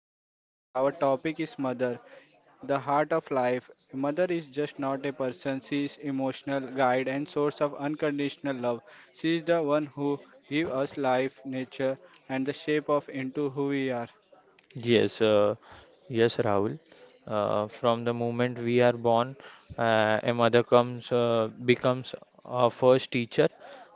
podcast. Our topic is Mother, the heart of life. Mother is just not a person, she is emotional guide and source of unconditional love. She is the one who gives us life, nature, and the shape of into who we are. Yes, uh, Yes, Rahul. From the moment we are born, a mother comes becomes our first teacher,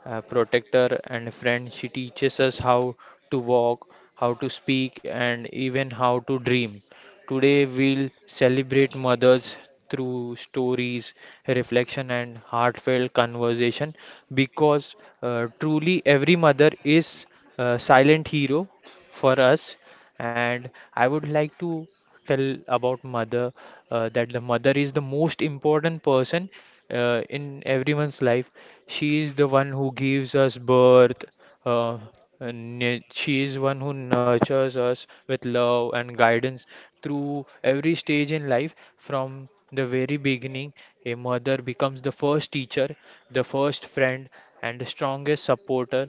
protector, and friend. She teaches us how to walk, how to speak, and even how to dream. Today, we'll celebrate mothers through stories, reflection, and heartfelt conversation because truly every mother is a silent hero for us. And I would like to tell about mother that the mother is the most important person in everyone's life. She is the one who gives us birth. Uh, and she is one who nurtures us with love and guidance through every stage in life. From the very beginning, a mother becomes the first teacher, the first friend, and the strongest supporter.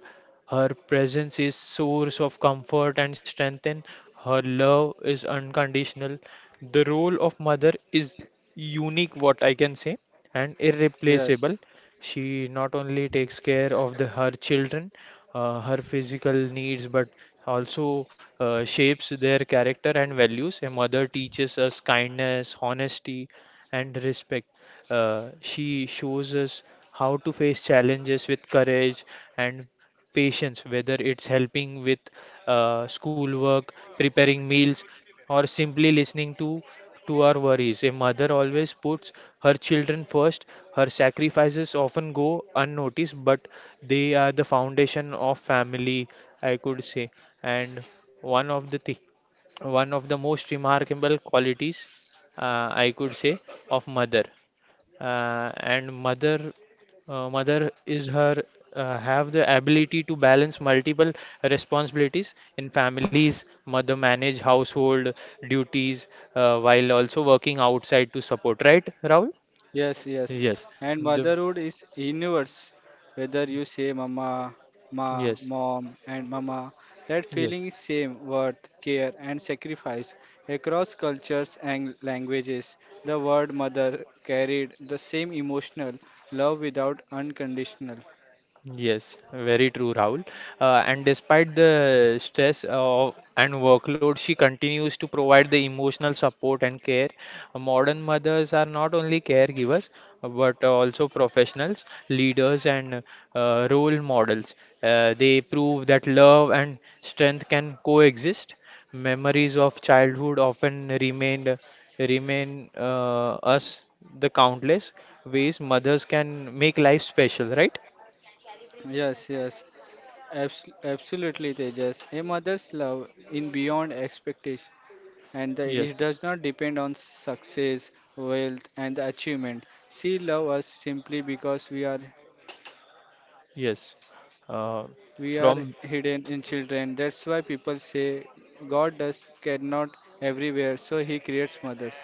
Her presence is source of comfort and strength, and her love is unconditional. The role of mother is unique, what I can say, and Yes. irreplaceable. She not only takes care of the her children, her physical needs, but also shapes their character and values. A mother teaches us kindness, honesty, and respect. She shows us how to face challenges with courage and patience, whether it's helping with schoolwork, preparing meals, or simply listening to our worries. A mother always puts her children first. Her sacrifices often go unnoticed, but they are the foundation of family, I could say. And one of the thi- one of the most remarkable qualities, I could say, of mother and mother mother is her have the ability to balance multiple responsibilities in families, mother manage household duties while also working outside to support, right, Rahul? Yes, yes. yes And the motherhood is universe. Whether you say mama, ma, yes mom, and mama, that yes feeling is same worth, care, and sacrifice. Across cultures and languages, the word mother carried the same emotional love without unconditional. Yes, very true, Rahul. And despite the stress of and workload, she continues to provide the emotional support and care. Modern mothers are not only caregivers but also professionals, leaders, and role models. They prove that love and strength can coexist. Memories of childhood often remain us the countless ways mothers can make life special, right? Yes, yes. Absolutely, Tejas. A mother's love in beyond expectation. And the, Yes. it does not depend on success, wealth, and the achievement. She loves us simply because we are Yes. Uh, we are from hidden in children. That's why people say God does cannot everywhere, so He creates mothers.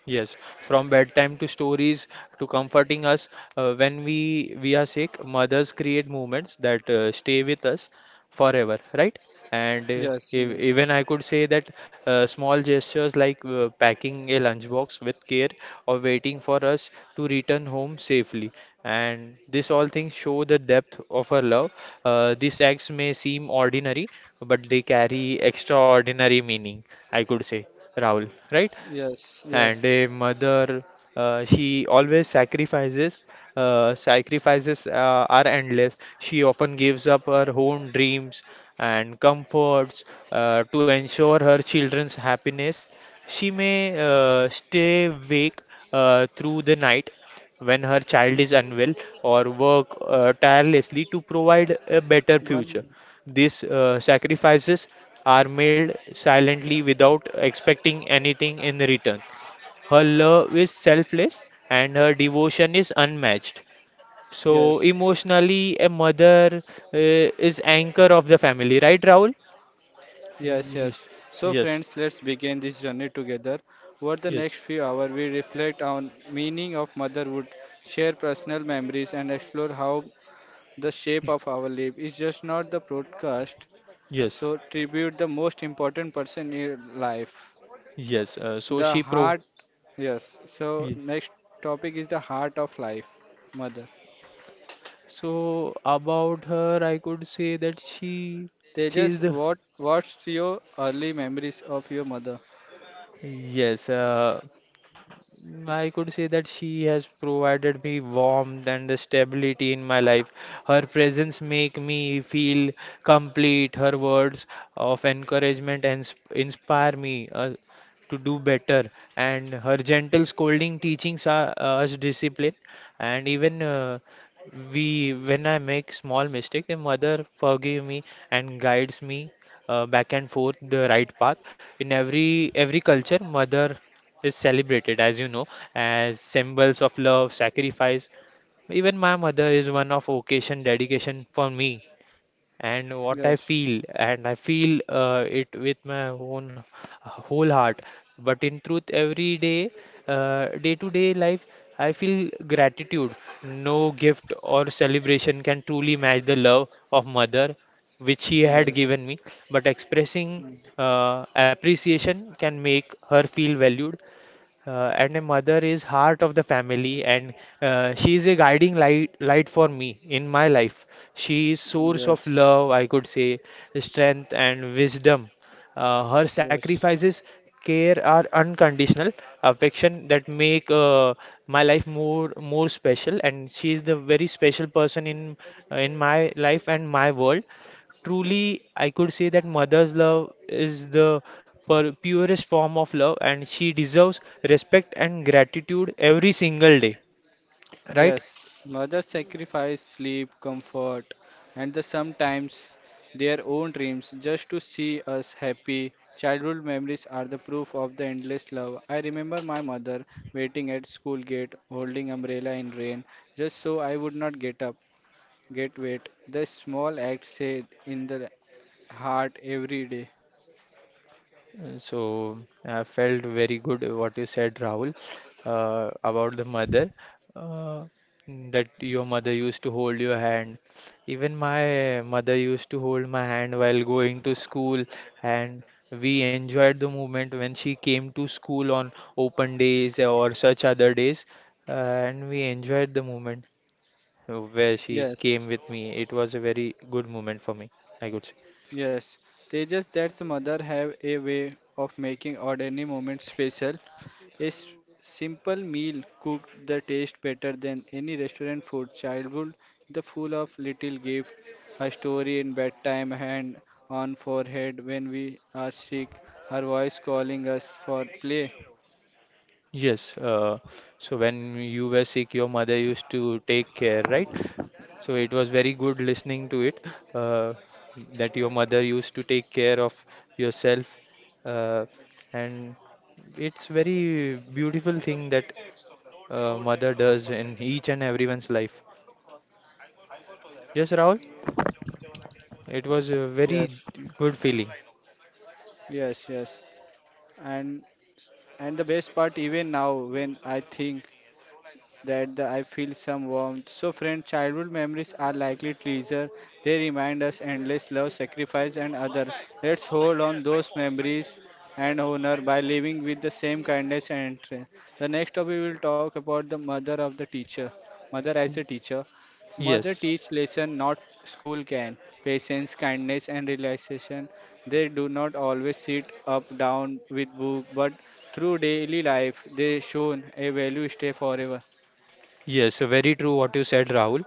Yes, from bedtime to stories to comforting us when we are sick, mothers create moments that stay with us forever, right? And Yes, yes, even I could say that small gestures like packing a lunchbox with care or waiting for us to return home safely, and this all things show the depth of her love. These acts may seem ordinary, but they carry extraordinary meaning, I could say, Rahul, right? yes, And yes. a mother she always sacrifices sacrifices are endless. She often gives up her own dreams and comforts to ensure her children's happiness. She may stay awake through the night when her child is unwell or work tirelessly to provide a better One, future. These sacrifices are made silently without expecting anything in return. Her love is selfless and her devotion is unmatched. So yes, emotionally, a mother uh, is anchor of the family, right, Rahul? yes, yes. Yes, So, yes, friends, let's begin this journey together. Over the next yes, few hours, we reflect on meaning of motherhood, share personal memories, and explore how the shape of our life is just not the broadcast, yes, so tribute the most important person in life. yes. So The she pro. heart, yes. So Ye- next topic is the heart of life, mother. So about her, I could say that she is Tejas, the. what's your early memories of your mother? Yes. I could say that she has provided me warmth and the stability in my life. Her presence make me feel complete. Her words of encouragement and inspire me to do better. And her gentle scolding teachings are, us discipline. And even when I make small mistake, my mother forgive me and guides me back and forth the right path. In every culture, mother is celebrated, as you know, as symbols of love, sacrifice. Even my mother is one of occasion dedication for me and what I Yes, feel, and I feel it with my own whole heart. But in truth, every day, day to day life, I feel gratitude. No gift or celebration can truly match the love of mother which she had yes, given me, but expressing mm, appreciation can make her feel valued, and a mother is heart of the family, and she is a guiding light for me in my life. She is source of yes, love, I could say, strength and wisdom. Her yes. sacrifices care are unconditional affection that make my life more special, and she is the very special person in my life and my world. Truly, I could say that mother's love is the purest form of love, and she deserves respect and gratitude every single day, right? Yes, mothers sacrifice sleep, comfort, and the sometimes their own dreams just to see us happy. Childhood memories are the proof of the endless love. I remember my mother waiting at school gate, holding umbrella in rain, just so I would not get up, get wet. The small acts say in the heart every day. So I felt very good what you said, Rahul, about the mother, uh, that your mother used to hold your hand. Even my mother used to hold my hand while going to school, and we enjoyed the moment when she came to school on open days or such other days, and we enjoyed the moment where she Yes. came with me. It was a very good moment for me, I could say. Yes, Tejas, that's mother have a way of making ordinary moments special. A s- simple meal cooked the taste better than any restaurant food. Childhood the full of little gift, a story in bedtime, hand on forehead when we are sick, her voice calling us for play. Yes, so when you were sick, your mother used to take care, right? So it was very good listening to it, uh, that your mother used to take care of yourself, uh, and it's very beautiful thing that mother does in each and everyone's life. Yes, Rahul, it was a very Yes, good feeling. yes, yes. And and the best part even now when I think that the, I feel some warmth. So, friend, childhood memories are likely treasure. They remind us endless love, sacrifice, and other. Let's hold on those memories and honor by living with the same kindness and interest. The next topic we will talk about the mother of the teacher. Mother as a teacher. Mother Yes. teach lesson not school can. Patience, kindness, and realization. They do not always sit up down with book, but through daily life they shown a value stay forever. Yes, so very true what you said, Rahul,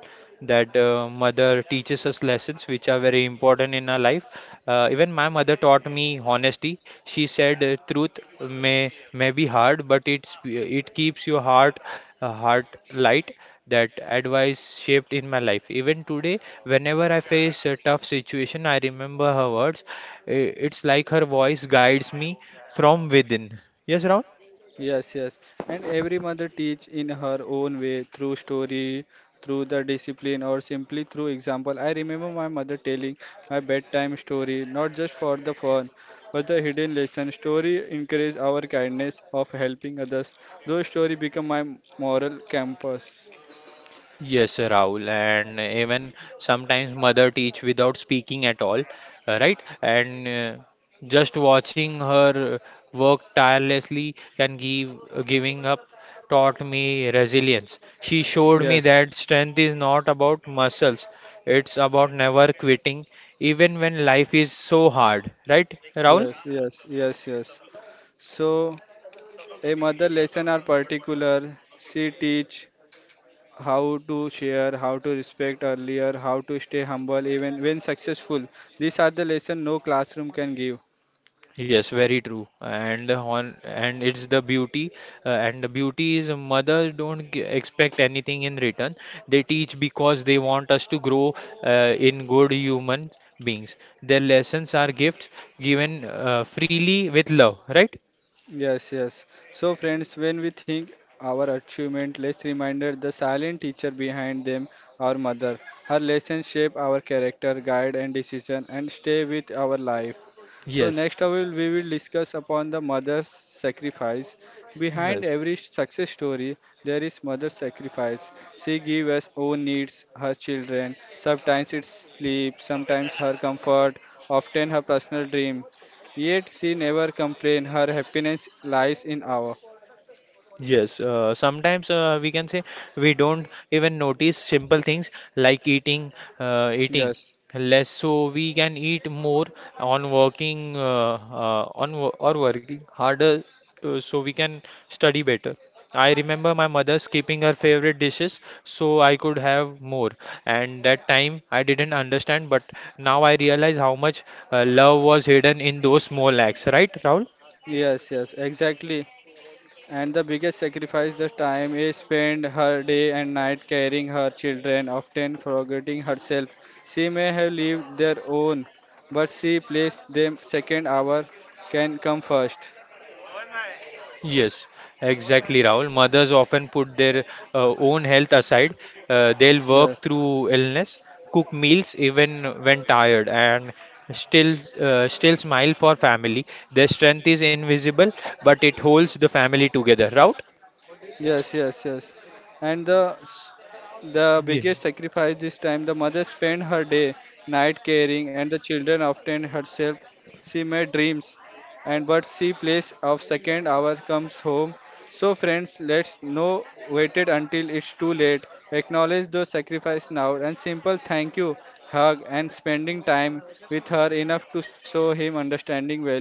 that mother teaches us lessons which are very important in our life. Even my mother taught me honesty. She said, "Truth may be hard, but it's it keeps your heart heart light." That advice shaped in my life. Even today, whenever I face a tough situation, I remember her words. It's like her voice guides me from within. Yes, Rahul? Yes, yes. And every mother teach in her own way through story, through the discipline, or simply through example. I remember my mother telling my bedtime story, not just for the fun, but the hidden lesson. Story encourage our kindness of helping others. Those story become my moral compass. Yes, Rahul, and even sometimes mother teach without speaking at all, right? And just watching her work tirelessly can give giving up taught me resilience. She showed me Yes, that strength is not about muscles; it's about never quitting, even when life is so hard, right, Rahul? yes, yes, yes, yes. So a mother lesson are particular. She teach how to share, how to respect earlier, how to stay humble even when successful. These are the lessons no classroom can give. Yes, very true. And it's the beauty, and the beauty is mothers don't g expect anything in return. They teach because they want us to grow in good human beings. Their lessons are gifts given freely with love, right? Yes, yes. So, friends, when we think our achievement, let's reminder the silent teacher behind them, our mother. Her lessons shape our character, guide, and decision, and stay with our life. So, Yes. next, I will we will discuss upon the mother's sacrifice. Behind Yes. every success story, there is mother's sacrifice. She gives us own needs, her children. Sometimes it's sleep, sometimes her comfort, often her personal dream. Yet she never complained. Her happiness lies in our. Yes, sometimes we can say we don't even notice simple things like eating, eating Yes, less, so we can eat more on working or working harder, so we can study better. I remember my mother skipping her favorite dishes so I could have more, and that time I didn't understand, but now I realize how much love was hidden in those small acts, right, Rahul? yes, yes, exactly. And the biggest sacrifice the time is spent her day and night carrying her children, often forgetting herself. She may have lived their own, but she placed them second. Our can come first. Yes, exactly, Rahul. Mothers often put their own health aside. They'll work Yes. through illness, cook meals even when tired, and still smile for family. Their strength is invisible, but it holds the family together. Right? Yes, yes, yes. And the Yeah. biggest sacrifice this time, the mother spent her day, night caring, and the children often herself. She made dreams, and but she place of second hour comes home. So friends, let's no waited until it's too late. Acknowledge those sacrifice now, and simple thank you, hug, and spending time with her enough to show him understanding value,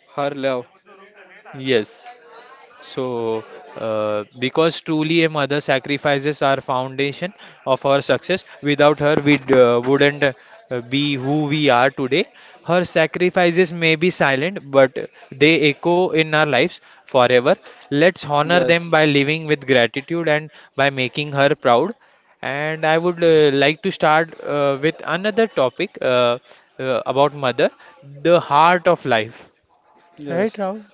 her love. Yes. So, because truly a mother sacrifices our foundation of our success. Without her, wouldn't be who we are today. Her sacrifices may be silent, but they echo in our lives forever. Let's honor Yes, them by living with gratitude and by making her proud. And I would like to start with another topic, about mother, the heart of life. Right, yes. Rahul?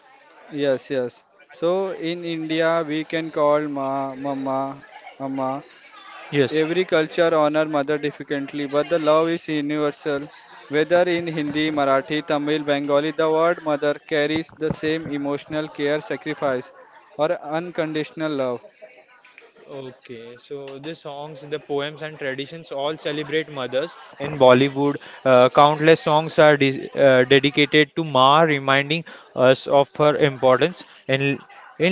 Yes, yes. So in India, we can call ma, mama, mama. Yes. Every culture honor mother differently, but the love is universal. Whether in Hindi, Marathi, Tamil, Bengali, the word mother carries the same emotional care, sacrifice, or unconditional love. Okay, so the songs, the poems, and traditions all celebrate mothers. In Bollywood, countless songs are dedicated to Ma, reminding us of her importance. In in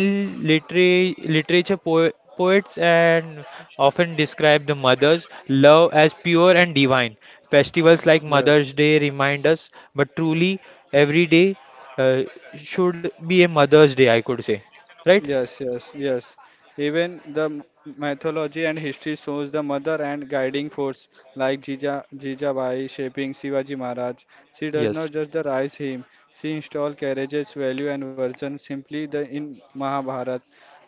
litera- literature, poets and often describe the mother's love as pure and divine. Festivals like Yes. Mother's Day remind us, but truly, every day uh, should be a Mother's Day, I could say, right? Yes, yes, yes. Even mythology and history shows the mother and guiding force like Jijabai shaping Shivaji Maharaj. She does not Yes. just the rise him, she install carriages, value and version simply the in Mahabharata.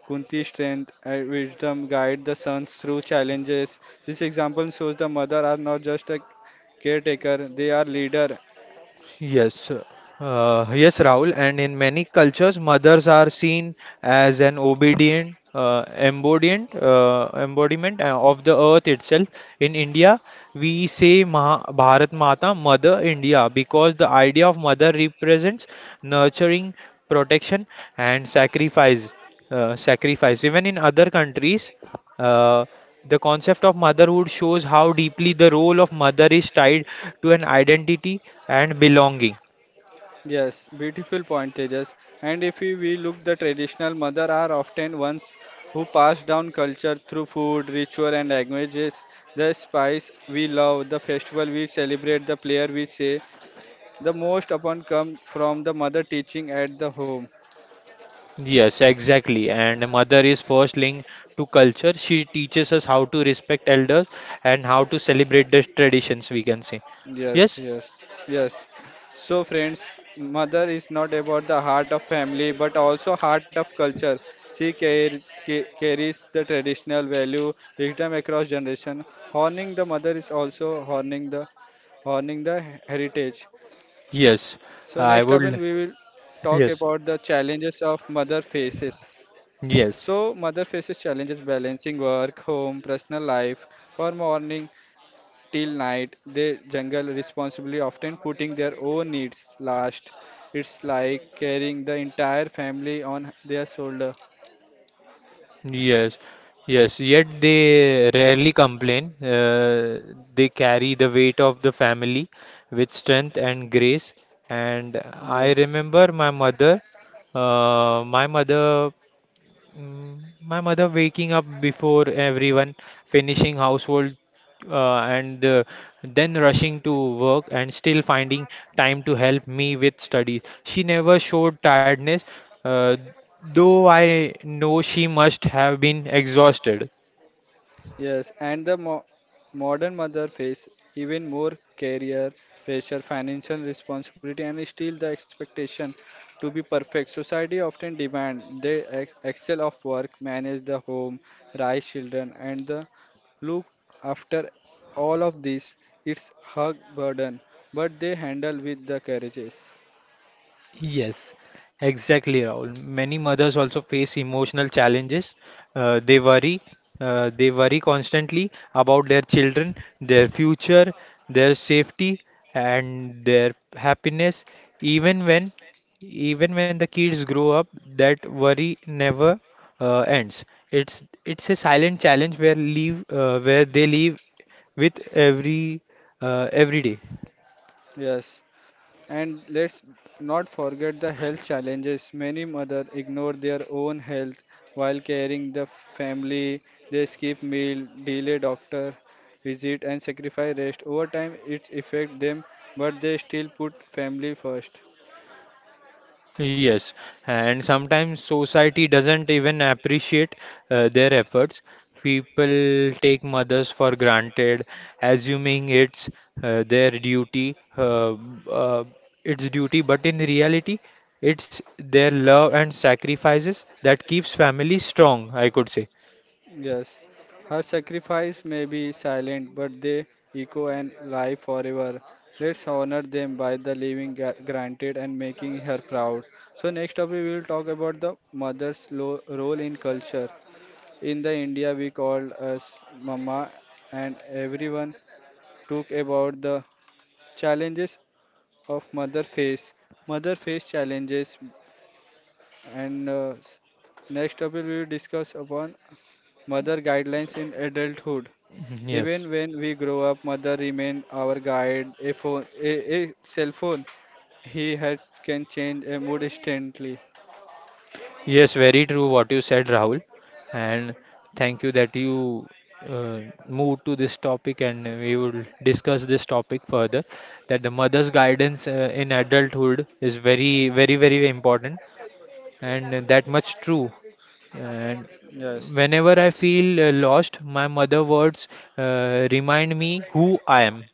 Kunti's strength and wisdom guide the sons through challenges. This example shows the mother are not just a caretaker, they are leader. Yes, yes, Rahul. And in many cultures, mothers are seen as an obedient embodiment of the earth itself. In India, we say Maha Bharat Mata, Mother India, because the idea of mother represents nurturing, protection, and sacrifice. Sacrifice. Even in other countries. Uh, the concept of motherhood shows how deeply the role of mother is tied to an identity and belonging. Yes, beautiful point, Tejas. And if we look, the traditional mother are often ones who pass down culture through food, ritual, and languages. The spice we love, the festival we celebrate, the player we say, the most upon come from the mother teaching at the home. Yes, exactly. And a mother is first linked to culture. She teaches us how to respect elders and how to celebrate the traditions, we can say. Yes, Yes, yes, yes. So friends, mother is not about the heart of family, but also heart of culture. She carries, carries the traditional value wisdom across generation. Honoring the mother is also honoring the heritage. So next up, yes. we will I would. talk about the Yes, challenges of mother faces. So, mother yes. faces challenges balancing work, home, personal life. For morning, till night. They jungle responsibly, often putting their own needs last. It's like carrying the entire family on their shoulder. Yes, yes, yet they rarely complain. They carry the weight of the family with strength and grace. And I Yes. remember my mother, uh, my mother Mm, My mother waking up before everyone, finishing household, and then rushing to work and still finding time to help me with study. She never showed tiredness, uh, though I know she must have been exhausted. Yes, and modern mother face even more career pressure, financial responsibility, and still the expectation to be perfect. Society often demand they excel of work, manage the home, raise children, and the look after all of this. It's her burden, but they handle with the courageous. Yes, exactly, Rahul. Many mothers also face emotional challenges. Uh, they worry, they worry constantly about their children, their future, their safety, and their happiness. Even when, even when the kids grow up, that worry never ends. It's a silent challenge where they live with every day. Yes. And let's not forget the health challenges. Many mothers ignore their own health while caring family. They skip meal, delay doctor visit, and sacrifice rest. Over time, it affects them, but they still put family first. Yes, and sometimes society doesn't even appreciate their efforts. People take mothers for granted, assuming it's their uh, duty, but in reality, it's their love and sacrifices that keeps families strong, I could say. Yes, her sacrifice may be silent, but they echo and live forever. Let's honor them by the living granted and making her proud. So next up, we will talk about the mother's role in culture. In the India, we called us Mama, and everyone took about the challenges of mother face challenges, and next topic we will discuss upon mother guidelines in adulthood. Mhm. Yes. Even when we grow up, mother remain our guide. A phone, a cell phone, he had can change a mood instantly. Yes, very true what you said, Rahul. And thank you that you uh, moved to this topic, and we will discuss this topic further. That the mother's guidance in adulthood is very, very, very important, and that much true. And Yes. whenever I feel lost, my mother words remind me who I am.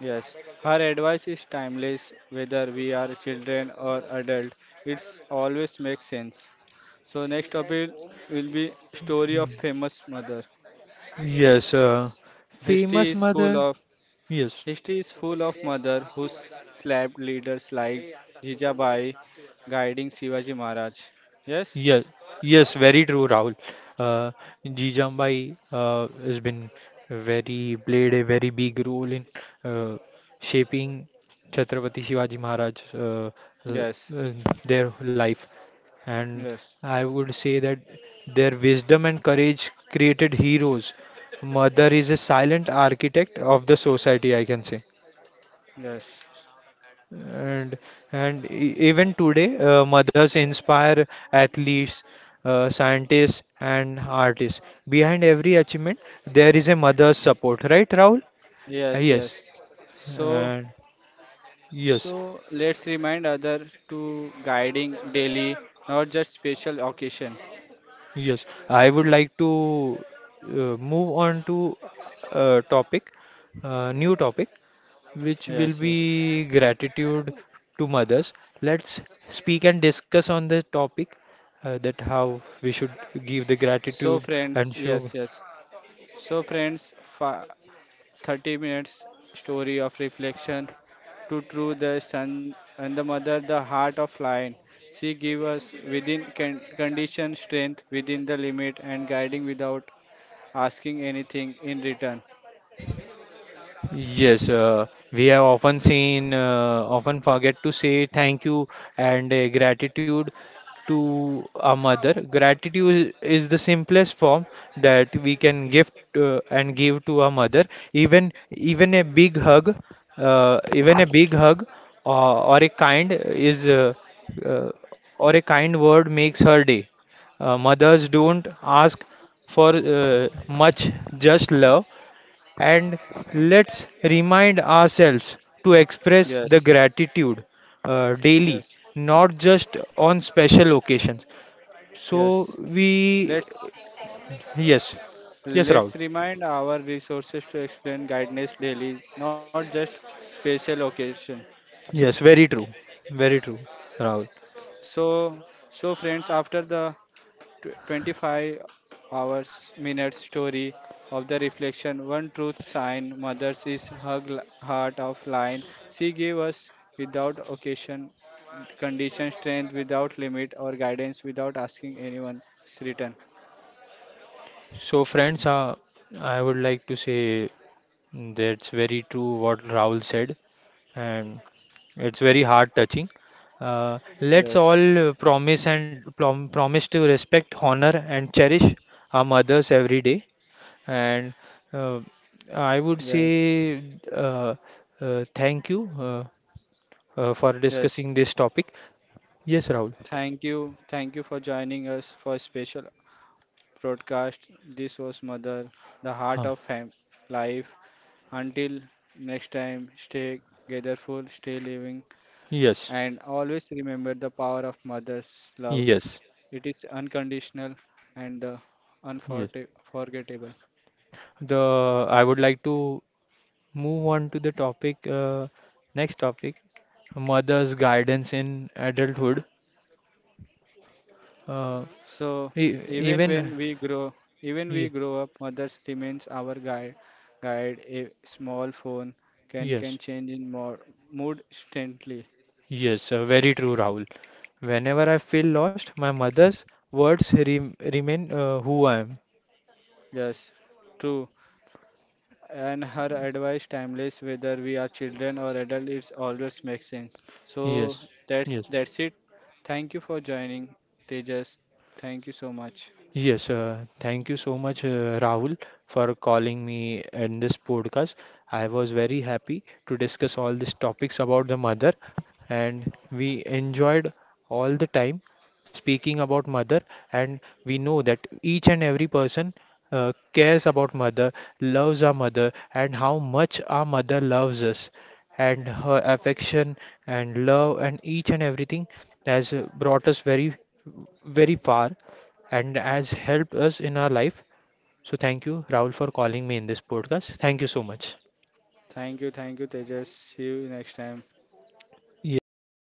Yes, her advice is timeless, whether we are children or adult. It's always makes sense. So next topic will be story of famous mother. Yes, History famous is full mother. of Yes. history is full of mother who slapped leaders like Jijabai, guiding Shivaji Maharaj. Yes, Yes, yes, very true, Rahul. Uh, Jijambai has been very played a very big role in uh, shaping Chhatrapati Shivaji Maharaj l- yes, uh, their life, and yes, I would say that their wisdom and courage created heroes. Mother is a silent architect of the society, I can say. yes, And and even today, mothers inspire athletes, scientists, and artists. Behind every achievement, there is a mother's support, right, Rahul? Yes, Yes. yes. So And yes, So let's remind other to guiding daily, not just special occasion. yes. I would like to uh, move on to a topic, new topic, which will Yes, be yes. gratitude to mothers. Let's speak and discuss on the topic that how we should give the So gratitude friends, and show. yes, yes. So friends, 30 minutes story of reflection to true the son and the mother, the heart of lion. She give us within condition strength within the limit and guiding without asking anything in return. Yes, we have often seen, often forget to say thank you and gratitude to our mother. Gratitude is the simplest form that we can give and give to our mother. Even a big hug, even a big hug or a kind is uh, or a kind word makes her day. Mothers don't ask for much, just love. And let's remind ourselves to express Yes, the gratitude daily, yes, not just on special occasions. So yes. we, Let's yes, yes, Rahul. Let's remind our resources to explain guidance daily, not just special occasion. Yes, very true. Very true, Rahul. So, so friends, after the 25 hours minute story of the reflection, one truth sign mothers is her heart of lion. She gave us without occasion, condition, strength without limit, or guidance without asking anyone's return. So, friends, I would like to say that's very true what Rahul said. And it's very heart touching. Let's all Yes, promise and promise to respect, honor, and cherish our mothers every day. And uh, I would say yes, uh, thank you for yes. discussing this topic. Yes, Rahul. Thank you. Thank you for joining us for special broadcast. This was Mother, the heart Huh. of life. Until next time, stay gatherful, stay living, and Yes, always remember the power of mother's love. yes, It is unconditional and yes. unforgettable. The I would like to move on to the topic, next topic, mother's guidance in adulthood. Uh, So E- even Even, when we grow, even we ye- grow up, mother's remains our guide. Guide a small phone can yes, change in more mood instantly. yes, very true, Rahul. Whenever I feel lost, my mother's words re remain who I am. Yes, true. And her advice timeless, whether we are children or adult, it's always makes sense. So Yes, that's yes. that's it. Thank you for joining, Tejas. Thank you so much. Yes, thank you so much, Rahul, for calling me in this podcast. I was very happy to discuss all these topics about the mother, and we enjoyed all the time speaking about mother. And we know that each and every person cares about mother, loves our mother, and how much our mother loves us, and her affection and love and each and everything has brought us very, very far and has helped us in our life. So thank you, Rahul, for calling me in this podcast. Thank you so much. Thank you, Tejas. See you next time. Yes, thank you.